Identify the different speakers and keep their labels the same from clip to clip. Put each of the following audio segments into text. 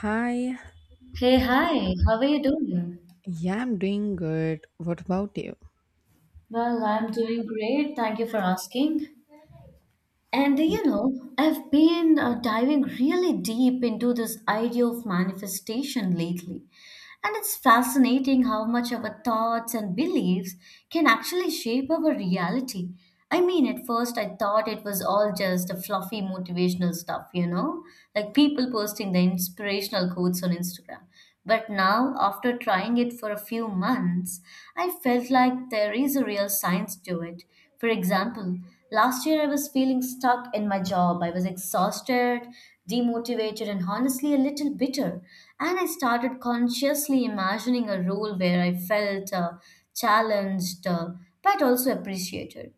Speaker 1: Hi,
Speaker 2: Hey, hi, how are you doing?
Speaker 1: yeah, I'm doing good. What about you?
Speaker 2: Well, I'm doing great. Thank you for asking. And you know, I've been diving really deep into this idea of manifestation lately. And it's fascinating how much our thoughts and beliefs can actually shape our reality. I mean, at first I thought it was all just a fluffy motivational stuff, you know, like people posting the inspirational quotes on Instagram. But now, after trying it for a few months, I felt like there is a real science to it. For example, last year I was feeling stuck in my job. I was exhausted, demotivated, and honestly a little bitter. And I started consciously imagining a role where I felt challenged but also appreciated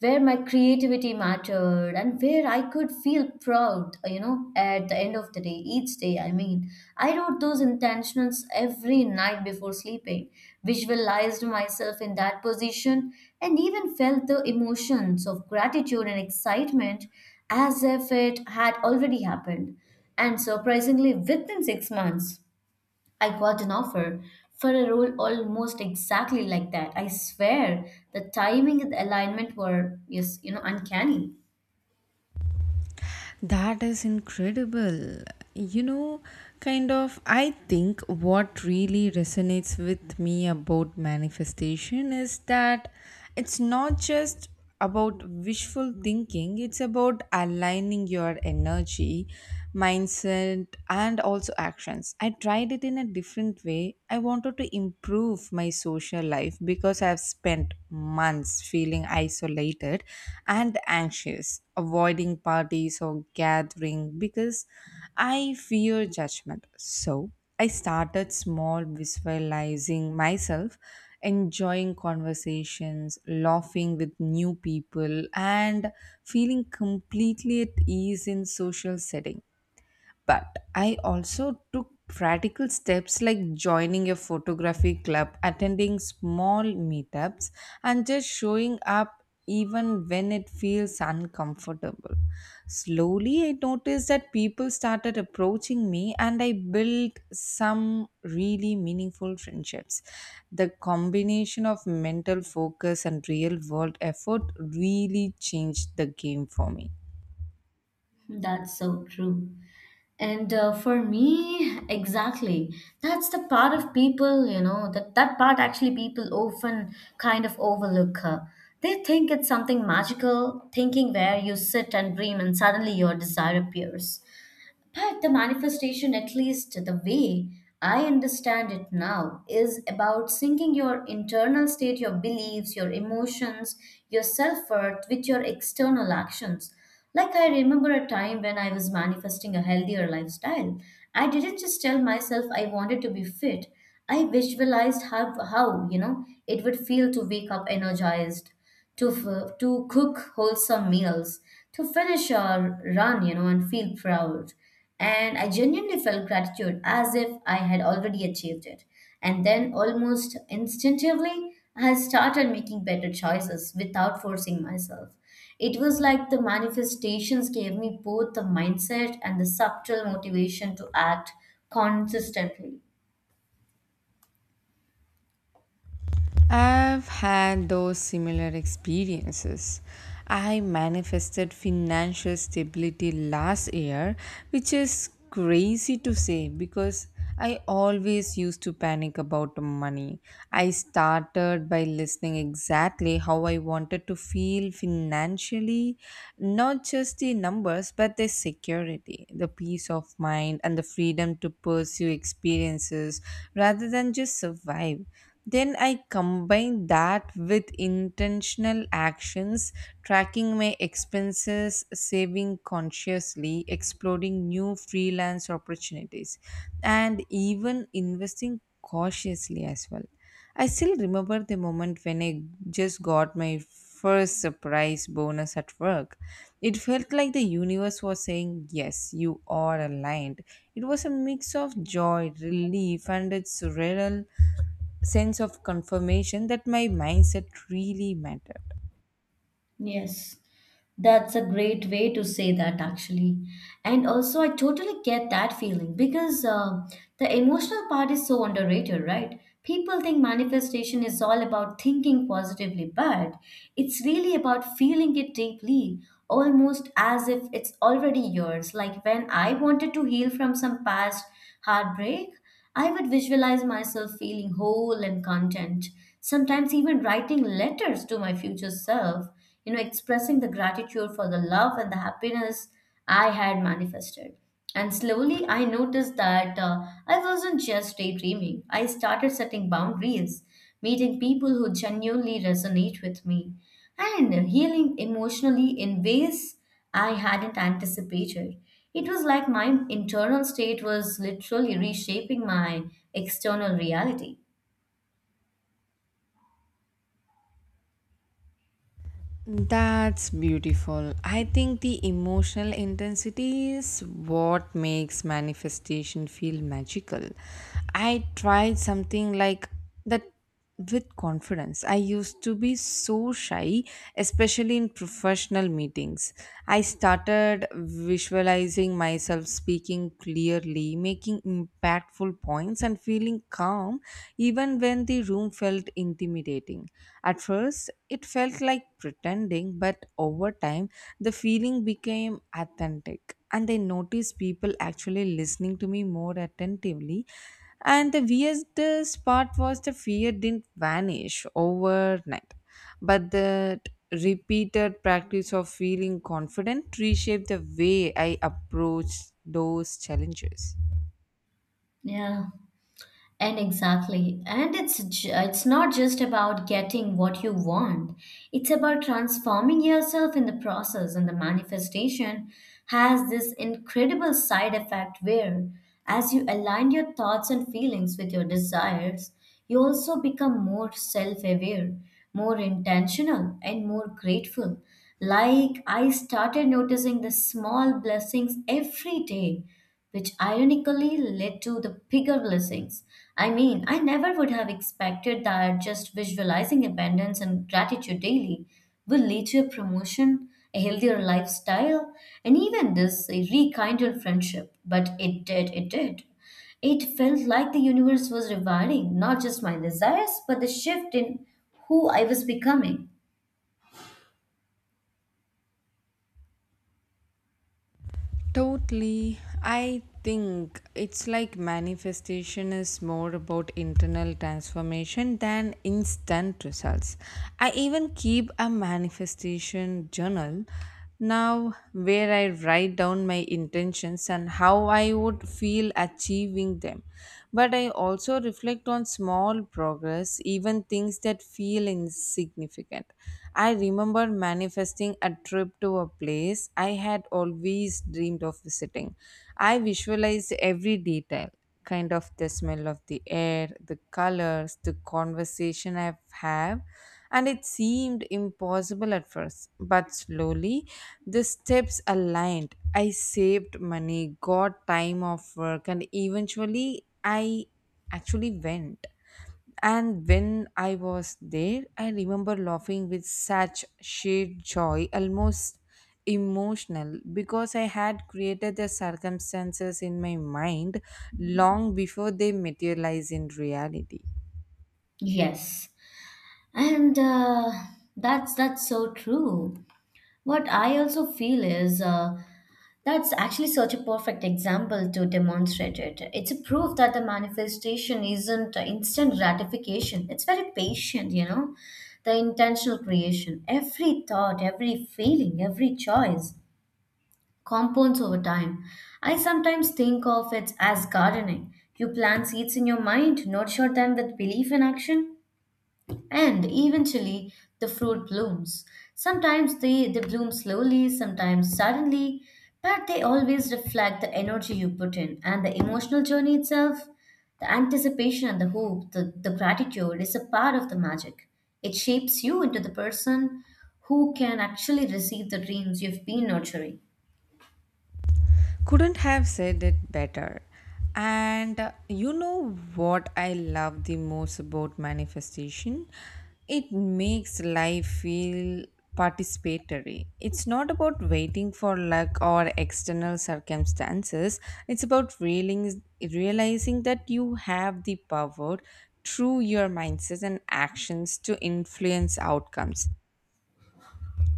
Speaker 2: where my creativity mattered and where I could feel proud, you know, at the end of the day, each day. I mean, I wrote those intentions every night before sleeping, visualized myself in that position, and even felt the emotions of gratitude and excitement as if it had already happened. And surprisingly, within 6 months, I got an offer for a role almost exactly like that. I swear the timing and the alignment were yes, you know, uncanny.
Speaker 1: That is incredible. You know, I think what really resonates with me about manifestation is that it's not just about wishful thinking, it's about aligning your energy, mindset, and also actions. I tried it in a different way. I wanted to improve my social life because I've spent months feeling isolated and anxious, avoiding parties or gathering because I fear judgment. So I started small, visualizing myself, enjoying conversations, laughing with new people, and feeling completely at ease in social settings. But I also took practical steps like joining a photography club, attending small meetups, and just showing up even when it feels uncomfortable. Slowly, I noticed that people started approaching me, and I built some really meaningful friendships. The combination of mental focus and real world effort really changed the game for me.
Speaker 2: That's so true. And for me, exactly. That's the part of people, you know, that part actually people often kind of overlook. They think it's something magical, thinking where you sit and dream and suddenly your desire appears. But the manifestation, at least the way I understand it now, is about syncing your internal state, your beliefs, your emotions, your self worth with your external actions. Like I remember a time when I was manifesting a healthier lifestyle. I didn't just tell myself I wanted to be fit. I visualized how you know it would feel to wake up energized, to cook wholesome meals, to finish our run, you know, and feel proud and I genuinely felt gratitude as if I had already achieved it. And then, almost instinctively, I started making better choices without forcing myself. It was like the manifestations gave me both the mindset and the subtle motivation to act consistently.
Speaker 1: I've had those similar experiences. I manifested financial stability last year, which is crazy to say because I always used to panic about money. I started by listening exactly how I wanted to feel financially, not just the numbers, but the security, the peace of mind, and the freedom to pursue experiences rather than just survive. Then I combine that with intentional actions, tracking my expenses, saving consciously, exploring new freelance opportunities, and even investing cautiously as well. I still remember the moment when I just got my first surprise bonus at work. It felt like the universe was saying, Yes, you are aligned. It was a mix of joy, relief, and a surreal sense of confirmation that my mindset really mattered.
Speaker 2: Yes. That's a great way to say that, actually. And also, I totally get that feeling because the emotional part is so underrated, right? People think manifestation is all about thinking positively, but it's really about feeling it deeply, almost as if it's already yours. Like when I wanted to heal from some past heartbreak, I would visualize myself feeling whole and content, sometimes even writing letters to my future self, you know, expressing the gratitude for the love and the happiness I had manifested. And slowly I noticed that I wasn't just daydreaming. I started setting boundaries, meeting people who genuinely resonate with me, and healing emotionally in ways I hadn't anticipated. It was like my internal state was literally reshaping my external reality.
Speaker 1: That's beautiful. I think the emotional intensity is what makes manifestation feel magical. I tried something like that with confidence. I used to be so shy, especially in professional meetings. I started visualizing myself speaking clearly, making impactful points, and feeling calm even when and the room felt intimidating. At first, it felt like pretending, but over time, the feeling became authentic. And I noticed people actually listening to me more attentively. And the weirdest part was the fear didn't vanish overnight, but the repeated practice of feeling confident reshaped the way I approached those challenges.
Speaker 2: Yeah. And exactly. It's not just about getting what you want. It's about transforming yourself in the process and the manifestation has this incredible side effect where as you align your thoughts and feelings with your desires, you also become more self-aware, more intentional and more grateful. Like I started noticing the small blessings every day which ironically led to the bigger blessings. I mean, I never would have expected that just visualizing abundance and gratitude daily will lead to a promotion, a healthier lifestyle, and even this a rekindled friendship. But it did, it did. It felt like the universe was rewarding not just my desires, but the shift in who I was becoming.
Speaker 1: Totally. I think it's like manifestation is more about internal transformation than instant results. I even keep a manifestation journal now where I write down my intentions and how I would feel achieving them. But I also reflect on small progress, even things that feel insignificant. I remember manifesting a trip to a place I had always dreamed of visiting. I visualized every detail, kind of the smell of the air, the colors, the conversation I've had, and it seemed impossible at first. But slowly, the steps aligned. I saved money, got time off work, and eventually, I actually went. And when I was there, I remember laughing with such sheer joy, almost emotional, because I had created the circumstances in my mind long before they materialize in reality.
Speaker 2: Yes, and that's so true. What I also feel is that's actually such a perfect example to demonstrate it. It's a proof that the manifestation isn't instant gratification. It's very patient, you know, the intentional creation. Every thought, every feeling, every choice compounds over time. I sometimes think of it as gardening. You plant seeds in your mind, nurture them with belief in action, and eventually, the fruit blooms. Sometimes they bloom slowly, sometimes suddenly, but they always reflect the energy you put in and the emotional journey itself. The anticipation and the hope, the gratitude is a part of the magic. It shapes you into the person who can actually receive the dreams you've been nurturing.
Speaker 1: Couldn't have said it better. And you know what I love the most about manifestation? It makes life feel participatory. It's not about waiting for luck or external circumstances. It's about realizing that you have the power through your mindsets and actions to influence outcomes.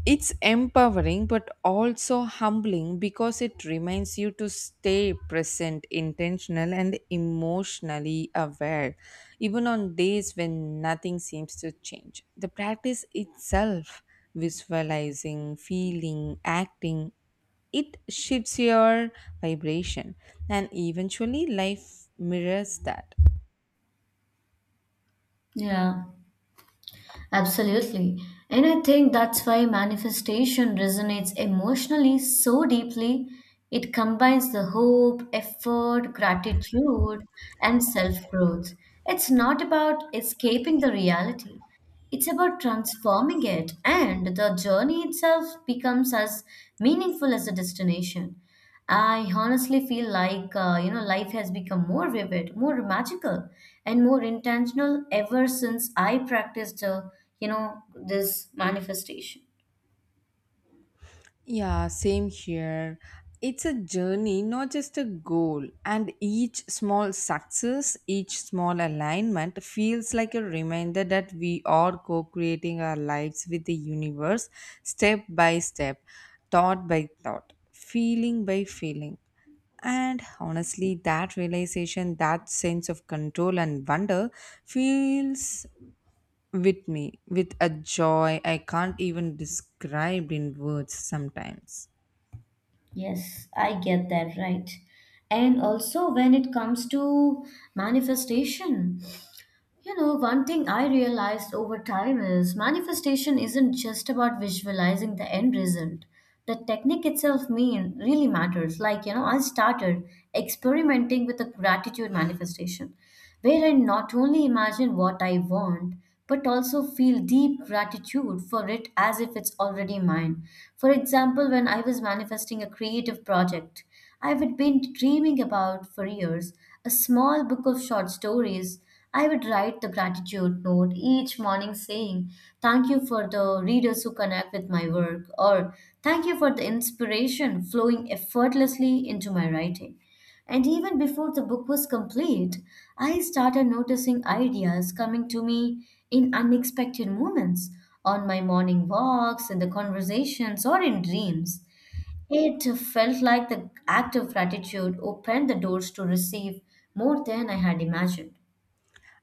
Speaker 1: It's empowering but also humbling because it reminds you to stay present, intentional, and emotionally aware, even on days when nothing seems to change. The practice itself, visualizing, feeling, acting, it shifts your vibration, and eventually life mirrors that.
Speaker 2: Yeah. Absolutely. And I think that's why manifestation resonates emotionally so deeply. It combines the hope, effort, gratitude, and self growth. It's not about escaping the reality, it's about transforming it, and the journey itself becomes as meaningful as the destination. I honestly feel like you know life has become more vivid, more magical, and more intentional ever since I practiced you know this manifestation.
Speaker 1: Yeah, same here. It's a journey, not just a goal. And each small success, each small alignment feels like a reminder that we are co creating our lives with the universe step by step, thought by thought, feeling by feeling. And honestly, that realization, that sense of control and wonder feels with me with a joy I can't even describe in words sometimes.
Speaker 2: Yes, I get that right. And also, when it comes to manifestation, you know, one thing I realized over time is manifestation isn't just about visualizing the end result. The technique itself mean really matters. Like, you know, I started experimenting with a gratitude manifestation where I not only imagine what I want, but also feel deep gratitude for it as if it's already mine. For example, when I was manifesting a creative project I had been dreaming about for years, a small book of short stories, I would write the gratitude note each morning saying, "Thank you for the readers who connect with my work," or "Thank you for the inspiration flowing effortlessly into my writing." And even before the book was complete, I started noticing ideas coming to me in unexpected moments, on my morning walks, in the conversations, or in dreams. It felt like the act of gratitude opened the doors to receive more than I had imagined.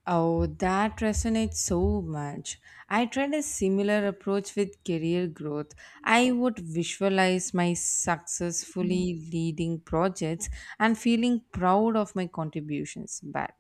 Speaker 1: Oh, that resonates so much. I tried a similar approach with career growth. I would visualize my successfully leading projects and feeling proud of my contributions. But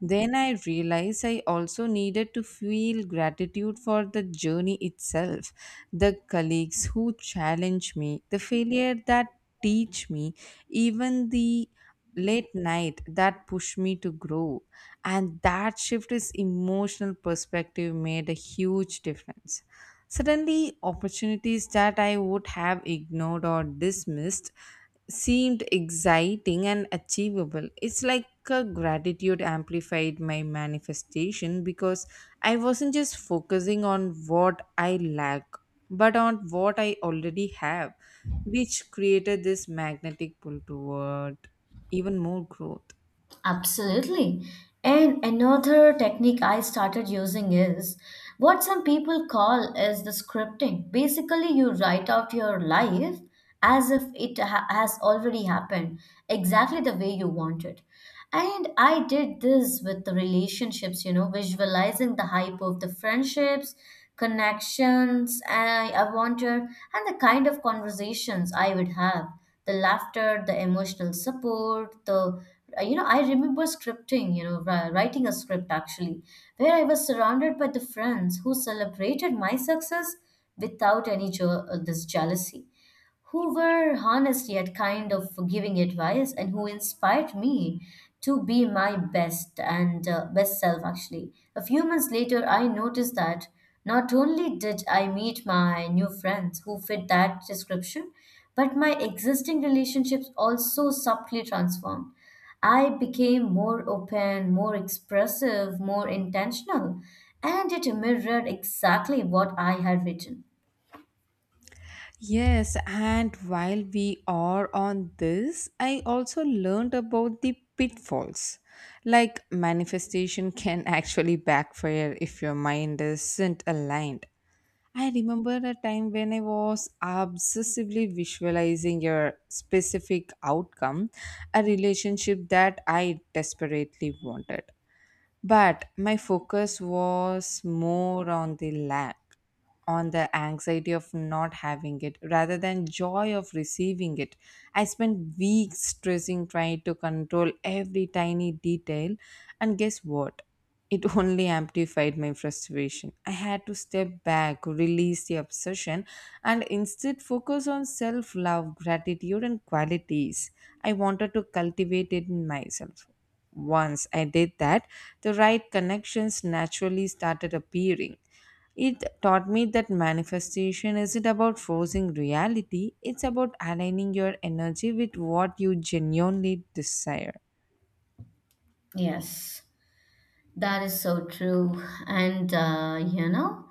Speaker 1: then I realized I also needed to feel gratitude for the journey itself, the colleagues who challenge me, the failure that teach me, even the late night that push me to grow, and that shift is emotional perspective made a huge difference. Suddenly opportunities that I would have ignored or dismissed seemed exciting and achievable. It's like a gratitude amplified my manifestation because I wasn't just focusing on what I lack, but on what I already have, which created this magnetic pull toward even more growth.
Speaker 2: Absolutely. And another technique I started using is what some people call is the scripting. Basically, you write out your life as if has already happened, exactly the way you want it. And I did this with the relationships, you know, visualizing the hype of the friendships, connections I wanted, and the kind of conversations I would have, the laughter, the emotional support, the you know, I remember scripting, you know, writing a script actually, where I was surrounded by the friends who celebrated my success without this jealousy, who were honest yet kind of giving advice and who inspired me to be my best and best self actually. A few months later I noticed that not only did I meet my new friends who fit that description, but my existing relationships also subtly transformed. I became more open, more expressive, more intentional, and it mirrored exactly what I had written.
Speaker 1: Yes, and while we are on this, I also learned about the pitfalls. Like manifestation can actually backfire if your mind isn't aligned. I remember a time when I was obsessively visualizing a specific outcome, a relationship that I desperately wanted, but my focus was more on the lack, on the anxiety of not having it rather than joy of receiving it. I spent weeks stressing, trying to control every tiny detail, and guess what, it only amplified my frustration. I had to step back, release the obsession, and instead focus on self love, gratitude, and qualities I wanted to cultivate it in myself. Once I did that, the right connections naturally started appearing. It taught me that manifestation isn't about forcing reality, it's about aligning your energy with what you genuinely desire.
Speaker 2: Yes. That is so true. And, you know,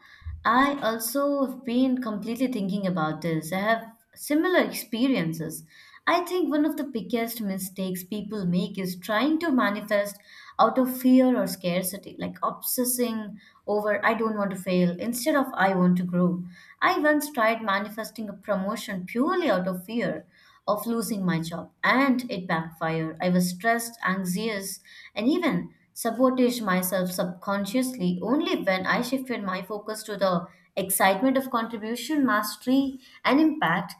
Speaker 2: I also have been completely thinking about this. I have similar experiences. I think one of the biggest mistakes people make is trying to manifest out of fear or scarcity, like obsessing over, "I don't want to fail," instead of, "I want to grow." I once tried manifesting a promotion purely out of fear of losing my job, and it backfired. I was stressed, anxious, and even sabotaged myself subconsciously. Only when I shifted my focus to the excitement of contribution, mastery, and impact.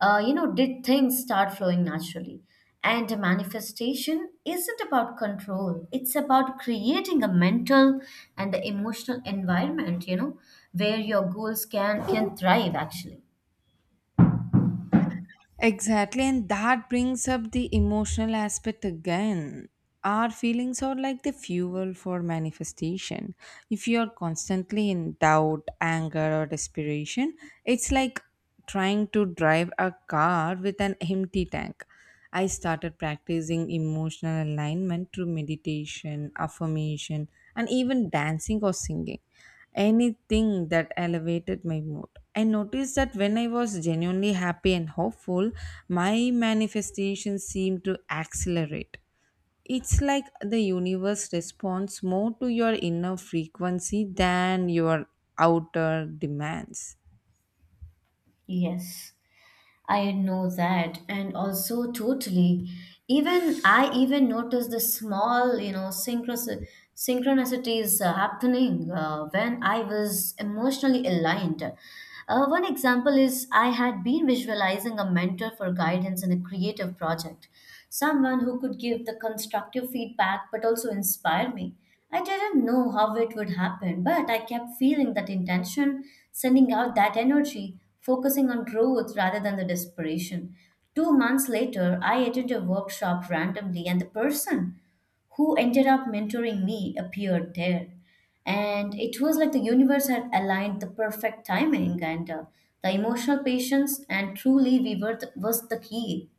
Speaker 2: You know, did things start flowing naturally? And manifestation isn't about control, it's about creating a mental and the emotional environment, you know, where your goals can thrive actually.
Speaker 1: Exactly, and that brings up the emotional aspect again. Our feelings are like the fuel for manifestation. If you are constantly in doubt, anger, or desperation, it's like trying to drive a car with an empty tank. I started practicing emotional alignment through meditation, affirmation, and even dancing or singing. Anything that elevated my mood. I noticed that when I was genuinely happy and hopeful, my manifestations seemed to accelerate. It's like the universe responds more to your inner frequency than your outer demands.
Speaker 2: Yes, I know that. And also, totally, even I even noticed the small, you know, synchronicities happening when I was emotionally aligned. One example is I had been visualizing a mentor for guidance in a creative project, someone who could give the constructive feedback but also inspire me. I didn't know how it would happen, but I kept feeling that intention, sending out that energy focusing on growth rather than the desperation. 2 months later, I attended a workshop randomly, and the person who ended up mentoring me appeared there. And it was like the universe had aligned the perfect timing and the emotional patience, and truly, we were was the key.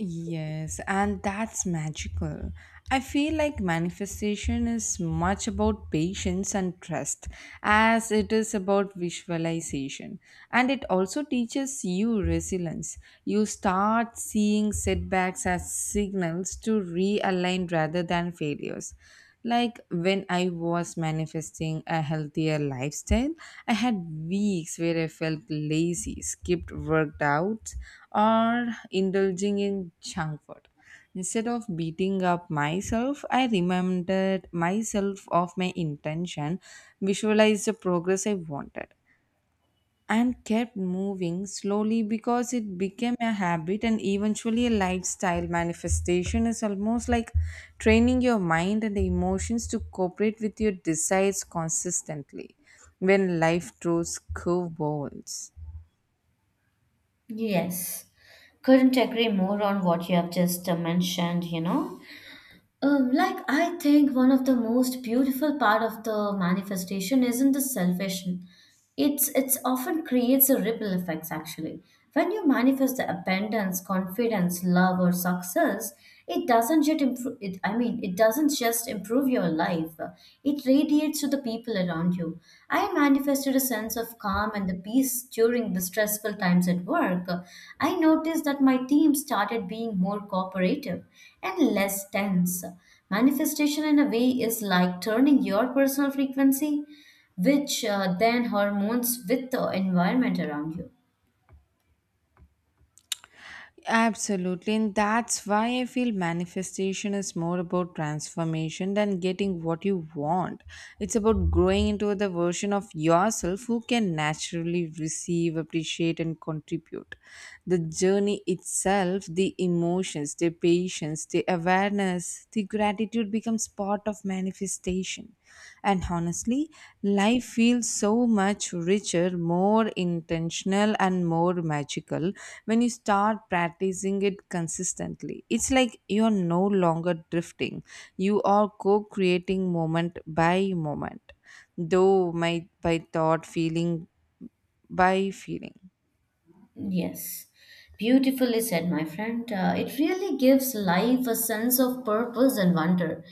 Speaker 1: Yes, and that's magical. I feel like manifestation is much about patience and trust as it is about visualization. And it also teaches you resilience. You start seeing setbacks as signals to realign rather than failures. Like when I was manifesting a healthier lifestyle, I had weeks where I felt lazy, skipped workouts, or indulging in junk food. Instead of beating up myself, I reminded myself of my intention, visualized the progress I wanted, and kept moving slowly because it became a habit and eventually a lifestyle. Manifestation is almost like training your mind and emotions to cooperate with your desires consistently when life throws curveballs.
Speaker 2: Yes, couldn't agree more on what you have just mentioned, you know. Like I think one of the most beautiful part of the manifestation isn't the salvation. It's often creates a ripple effects actually. When you manifest the abundance, confidence, love, or success, it doesn't just improve. It, I mean, it doesn't just improve your life. It radiates to the people around you. I manifested a sense of calm and the peace during the stressful times at work. I noticed that my team started being more cooperative and less tense. Manifestation, in a way, is like turning your personal frequency which then hormones with the environment around you.
Speaker 1: Absolutely, and that's why I feel manifestation is more about transformation than getting what you want. It's about growing into the version of yourself who can naturally receive, appreciate, and contribute. The journey itself, the emotions, the patience, the awareness, the gratitude becomes part of manifestation, and honestly life feels so much richer, more intentional and more magical when you start practicing it consistently. It's like you're no longer drifting, you are co-creating moment by moment, though my by thought, feeling by feeling.
Speaker 2: Yes, beautifully said, my friend. It really gives life a sense of purpose and wonder.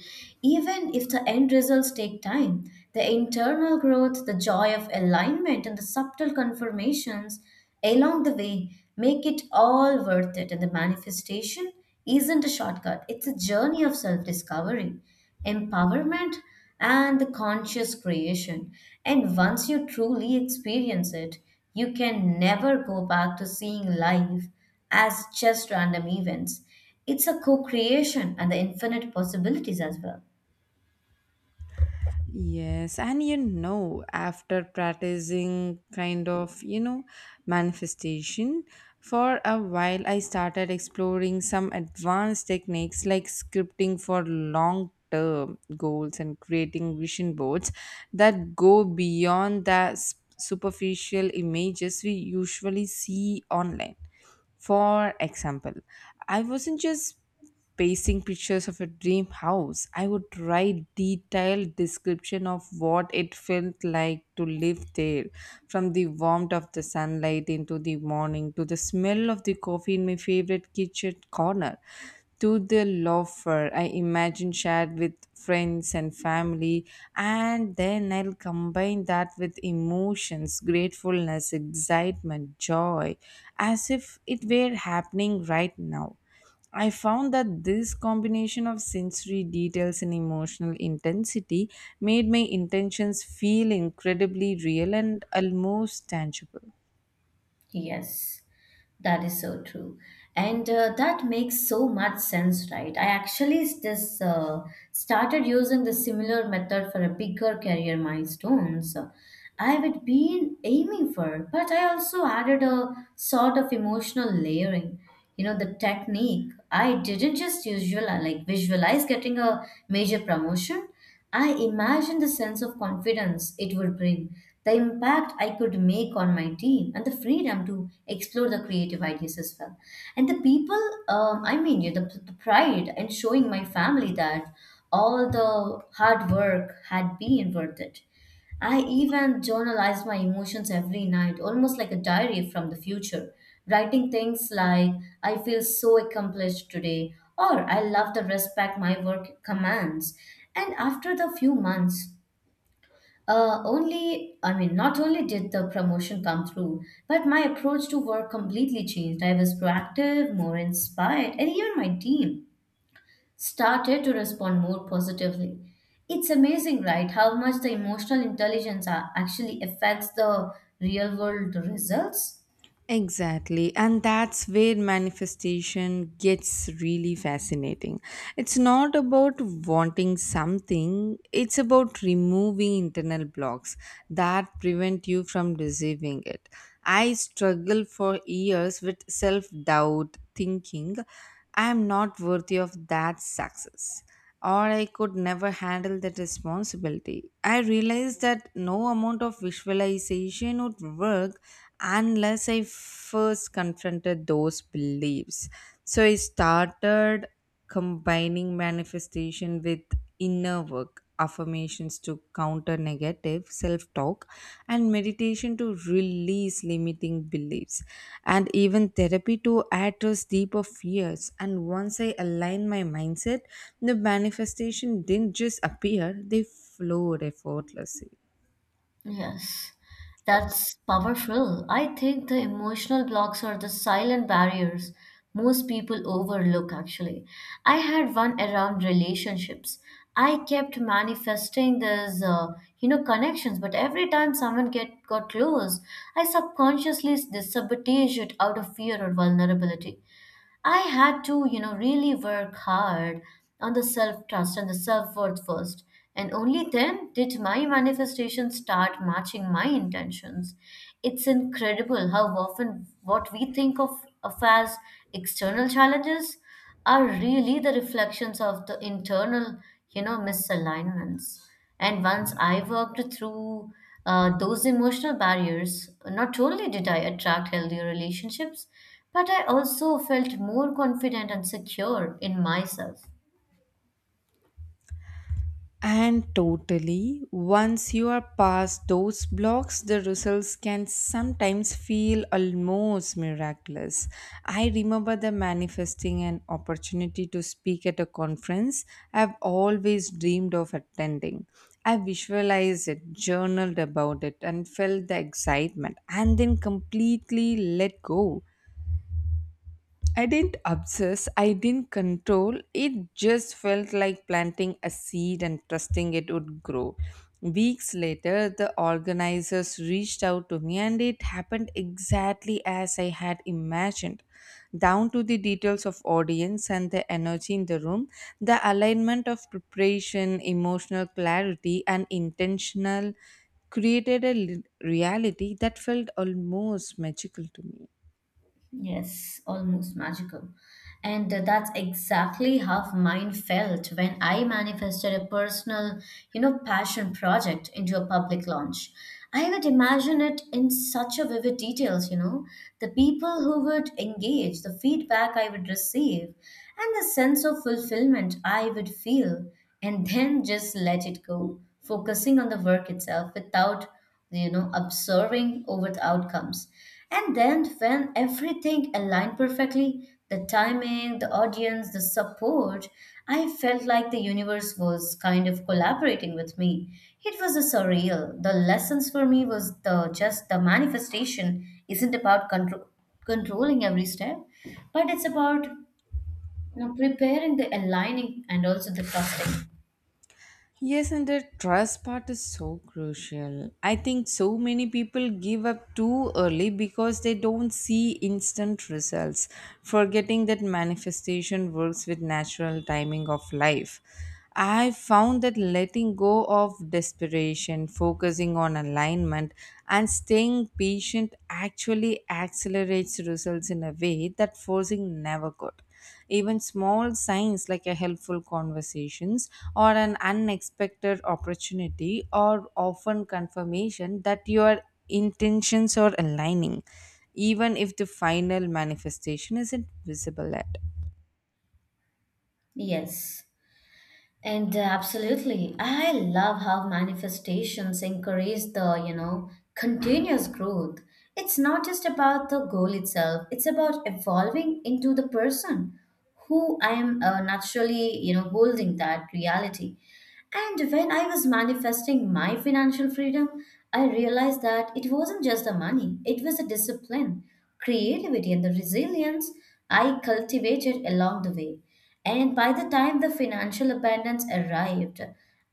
Speaker 2: Even if the end results take time, the internal growth, the joy of alignment, and the subtle confirmations along the way make it all worth it. And the manifestation isn't a shortcut, it's a journey of self discovery, empowerment, and the conscious creation. And once you truly experience it, you can never go back to seeing life as just random events. It's a co creation and the infinite possibilities as well.
Speaker 1: Yes, and you know, after practicing you know, manifestation for a while, I started exploring some advanced techniques like scripting for long term goals and creating vision boards that go beyond the superficial images we usually see online. For example, I wasn't just pasting pictures of a dream house. I would write detailed description of what it felt like to live there, from the warmth of the sunlight into the morning to the smell of the coffee in my favorite kitchen corner to the loafer I imagine shared with friends and family, and then I'll combine that with emotions, gratefulness, excitement, joy, as if it were happening right now. I found that this combination of sensory details and emotional intensity made my intentions feel incredibly real and almost tangible.
Speaker 2: Yes, that is so true. And that makes so much sense, right? I actually just started using the similar method for a bigger career milestones I would been aiming for, but I also added a sort of emotional layering. You know, the technique, I didn't just usual like visualize getting a major promotion. I imagine the sense of confidence it would bring, the impact I could make on my team, and the freedom to explore the creative ideas as well. And the people, I mean, yeah, the pride in showing my family that all the hard work had been worth it. I even journalized my emotions every night, almost like a diary from the future, writing things like, I feel so accomplished today, or I love the respect my work commands. And after the few months, only, I mean, not only did the promotion come through, but my approach to work completely changed. I was proactive, more inspired, and even my team started to respond more positively. It's amazing, right, how much the emotional intelligence actually affects the real world results?
Speaker 1: Exactly, and that's where manifestation gets really fascinating. It's not about wanting something, it's about removing internal blocks that prevent you from receiving it. I struggled for years with self doubt, thinking I am not worthy of that success or I could never handle that responsibility. I realized that no amount of visualization would work unless I first confronted those beliefs. So I started combining manifestation with inner work affirmations to counter negative self talk, and meditation to release limiting beliefs, and even therapy to address deeper fears. And once I aligned my mindset, the manifestation didn't just appear, they flowed effortlessly.
Speaker 2: Yes, that's powerful. I think the emotional blocks are the silent barriers most people overlook, actually. I had one around relationships. I kept manifesting these, you know, connections, but every time someone get got close, I subconsciously sabotaged it out of fear or vulnerability. I had to, you know, really work hard on the self trust and the self worth first. And only then did my manifestations start matching my intentions. It's incredible how often what we think of as external challenges are really the reflections of the internal, you know, misalignments. And once I worked through those emotional barriers, not only did I attract healthier relationships, but I also felt more confident and secure in myself.
Speaker 1: And totally, once you are past those blocks, the results can sometimes feel almost miraculous. I remember the manifesting an opportunity to speak at a conference I've always dreamed of attending. I visualized it, journaled about it, and felt the excitement, and then completely let go. I didn't obsess, I didn't control. It just felt like planting a seed and trusting it would grow. Weeks later, the organizers reached out to me, and it happened exactly as I had imagined. Down to the details of audience and the energy in the room, the alignment of preparation, emotional clarity, and intentional created reality that felt almost magical to me.
Speaker 2: Yes, almost magical. And that's exactly how mine felt when I manifested a personal, you know, passion project into a public launch. I would imagine it in such a vivid details, you know, the people who would engage, the feedback I would receive, and the sense of fulfillment I would feel, and then just let it go, focusing on the work itself without you know, observing over the outcomes. And then when everything aligned perfectly, the timing, the audience, the support, I felt like the universe was kind of collaborating with me. It was a surreal. The lessons for me was the just the manifestation isn't about control, controlling every step, but it's about you know preparing the aligning and also the trusting.
Speaker 1: Yes, and the trust part is so crucial. I think so many people give up too early because they don't see instant results, forgetting that manifestation works with natural timing of life. I found that letting go of desperation, focusing on alignment, and staying patient actually accelerates results in a way that forcing never could. Even small signs like a helpful conversations or an unexpected opportunity are often confirmation that your intentions are aligning, even if the final manifestation isn't visible at all.
Speaker 2: Yes. And absolutely, I love how manifestations encourage the, you know, continuous growth. It's not just about the goal itself, it's about evolving into the person who I am naturally, you know, holding that reality. And when I was manifesting my financial freedom, I realized that it wasn't just the money, it was the discipline, creativity, and the resilience I cultivated along the way. And by the time the financial abundance arrived,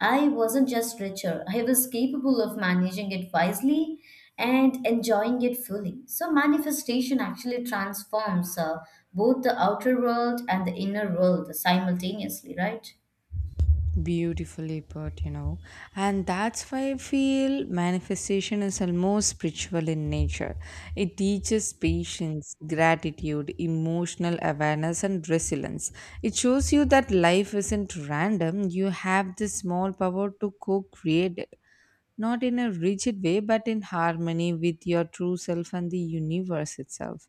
Speaker 2: I wasn't just richer, I was capable of managing it wisely and enjoying it fully. So, manifestation actually transforms both the outer world and the inner world simultaneously, right?
Speaker 1: Beautifully put. And that's why I feel manifestation is almost spiritual in nature. It teaches patience, gratitude, emotional awareness, and resilience. It shows you that life isn't random. You have the small power to co-create it, not in a rigid way, but in harmony with your true self and the universe itself.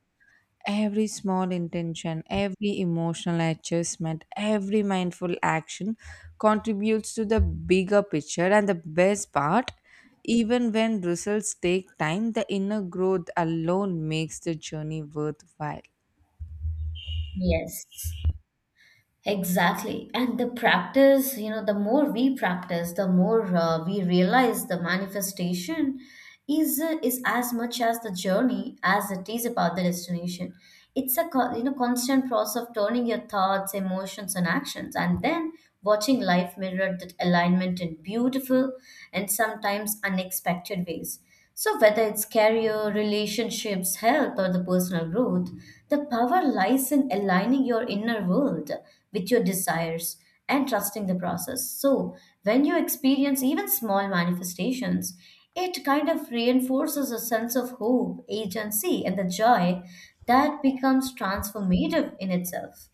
Speaker 1: Every small intention, every emotional adjustment, every mindful action contributes to the bigger picture. And the best part, even when results take time, the inner growth alone makes the journey worthwhile.
Speaker 2: Yes. Exactly. And the practice, you know, the more we practice, the more we realize the manifestation is is as much as the journey as it is about the destination. It's a you know constant process of turning your thoughts, emotions, and actions, and then watching life mirror that alignment in beautiful and sometimes unexpected ways. So, whether it's career, relationships, health, or the personal growth, the power lies in aligning your inner world with your desires and trusting the process. So, when you experience even small manifestations, it kind of reinforces a sense of hope, agency, and the joy that becomes transformative in itself.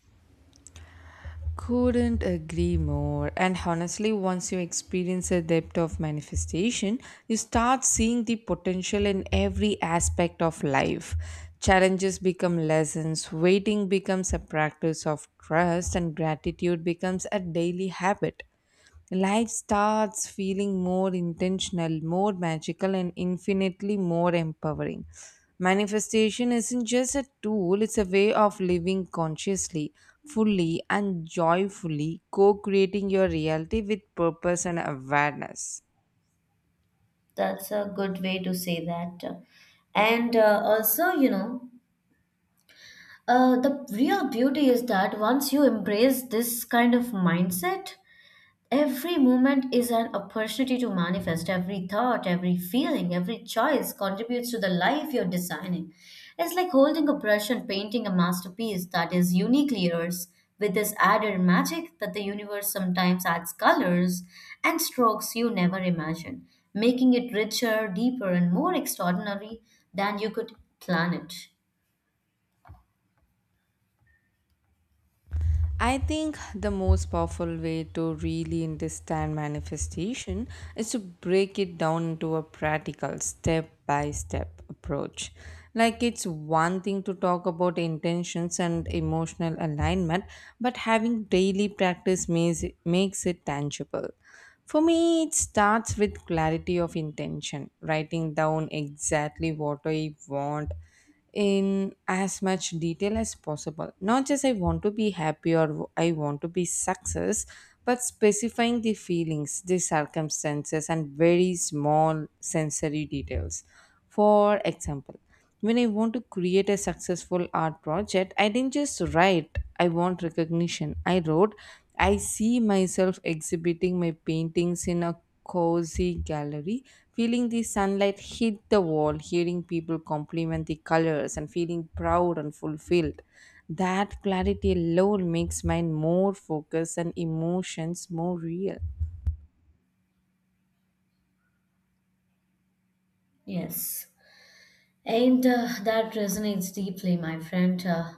Speaker 1: Couldn't agree more. And honestly, once you experience the depth of manifestation, you start seeing the potential in every aspect of life. Challenges become lessons, waiting becomes a practice of trust, and gratitude becomes a daily habit. Life starts feeling more intentional, more magical, and infinitely more empowering. Manifestation isn't just a tool, it's a way of living consciously, fully, and joyfully, co creating your reality with purpose and awareness.
Speaker 2: That's a good way to say that. And also, you know, the real beauty is that once you embrace this kind of mindset, every moment is an opportunity to manifest. Every thought, every feeling, every choice contributes to the life you're designing. It's like holding a brush and painting a masterpiece that is uniquely yours, with this added magic that the universe sometimes adds colors and strokes you never imagined, making it richer, deeper, and more extraordinary than you could plan it.
Speaker 1: I think the most powerful way to really understand manifestation is to break it down into a practical step by step approach. Like it's one thing to talk about intentions and emotional alignment, but having daily practice makes it tangible. For me, it starts with clarity of intention, writing down exactly what I want in as much detail as possible. Not just I want to be happy or I want to be success, but specifying the feelings, the circumstances, and very small sensory details. For example, when I want to create a successful art project, I didn't just write, I want recognition. I wrote, I see myself exhibiting my paintings in a cozy gallery, feeling the sunlight hit the wall, hearing people compliment the colors, and feeling proud and fulfilled. That clarity alone makes mine more focused and emotions more real.
Speaker 2: Yes. And that resonates deeply, my friend. Uh,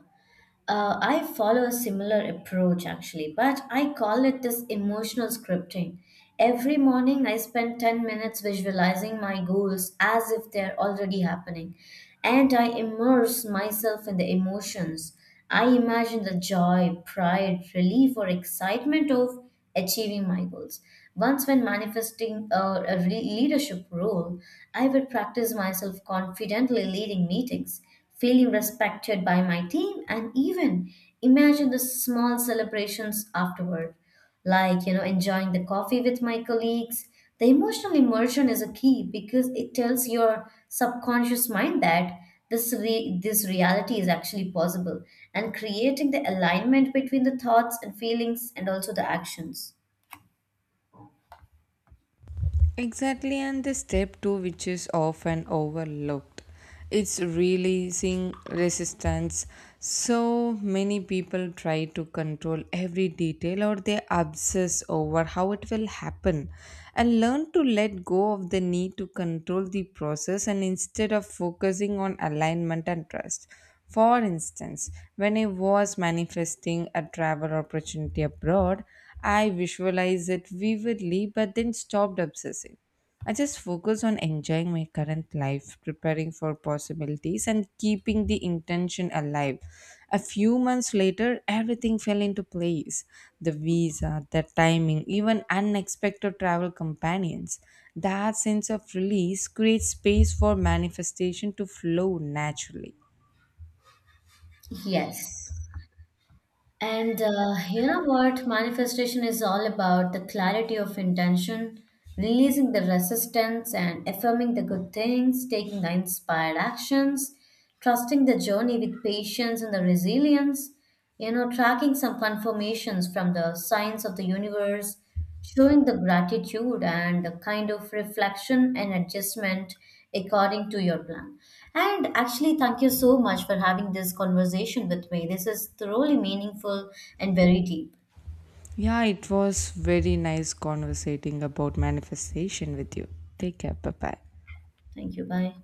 Speaker 2: uh, I follow a similar approach actually, but I call it this emotional scripting. Every morning, I spend 10 minutes visualizing my goals as if they're already happening, and I immerse myself in the emotions. I imagine the joy, pride, relief, or excitement of achieving my goals. Once, when manifesting a leadership role, I would practice myself confidently leading meetings feeling respected by my team and even imagine the small celebrations afterward like you know enjoying the coffee with my colleagues the emotional immersion is a key because it tells your subconscious mind that this reality is actually possible and creating the alignment between the thoughts and feelings and also the actions
Speaker 1: Exactly, and the step two, which is often overlooked, it's releasing resistance. So many people try to control every detail or they obsess over how it will happen and learn to let go of the need to control the process and instead of focusing on alignment and trust. For instance, when I was manifesting a travel opportunity abroad, I visualize it vividly, but then stopped obsessing. I just focus on enjoying my current life, preparing for possibilities, and keeping the intention alive. A few months later, everything fell into place, the visa, the timing, even unexpected travel companions. That sense of release creates space for manifestation to flow naturally.
Speaker 2: yes. And you know what? Manifestation is all about the clarity of intention, releasing the resistance and affirming the good things, taking the inspired actions, trusting the journey with patience and the resilience, you know, tracking some confirmations from the signs of the universe, showing the gratitude and a kind of reflection and adjustment according to your plan. And actually, thank you so much for having this conversation with me. This is thoroughly meaningful and very deep.
Speaker 1: Yeah, it was very nice conversating about manifestation with you. Take care. Bye bye.
Speaker 2: Thank you. Bye.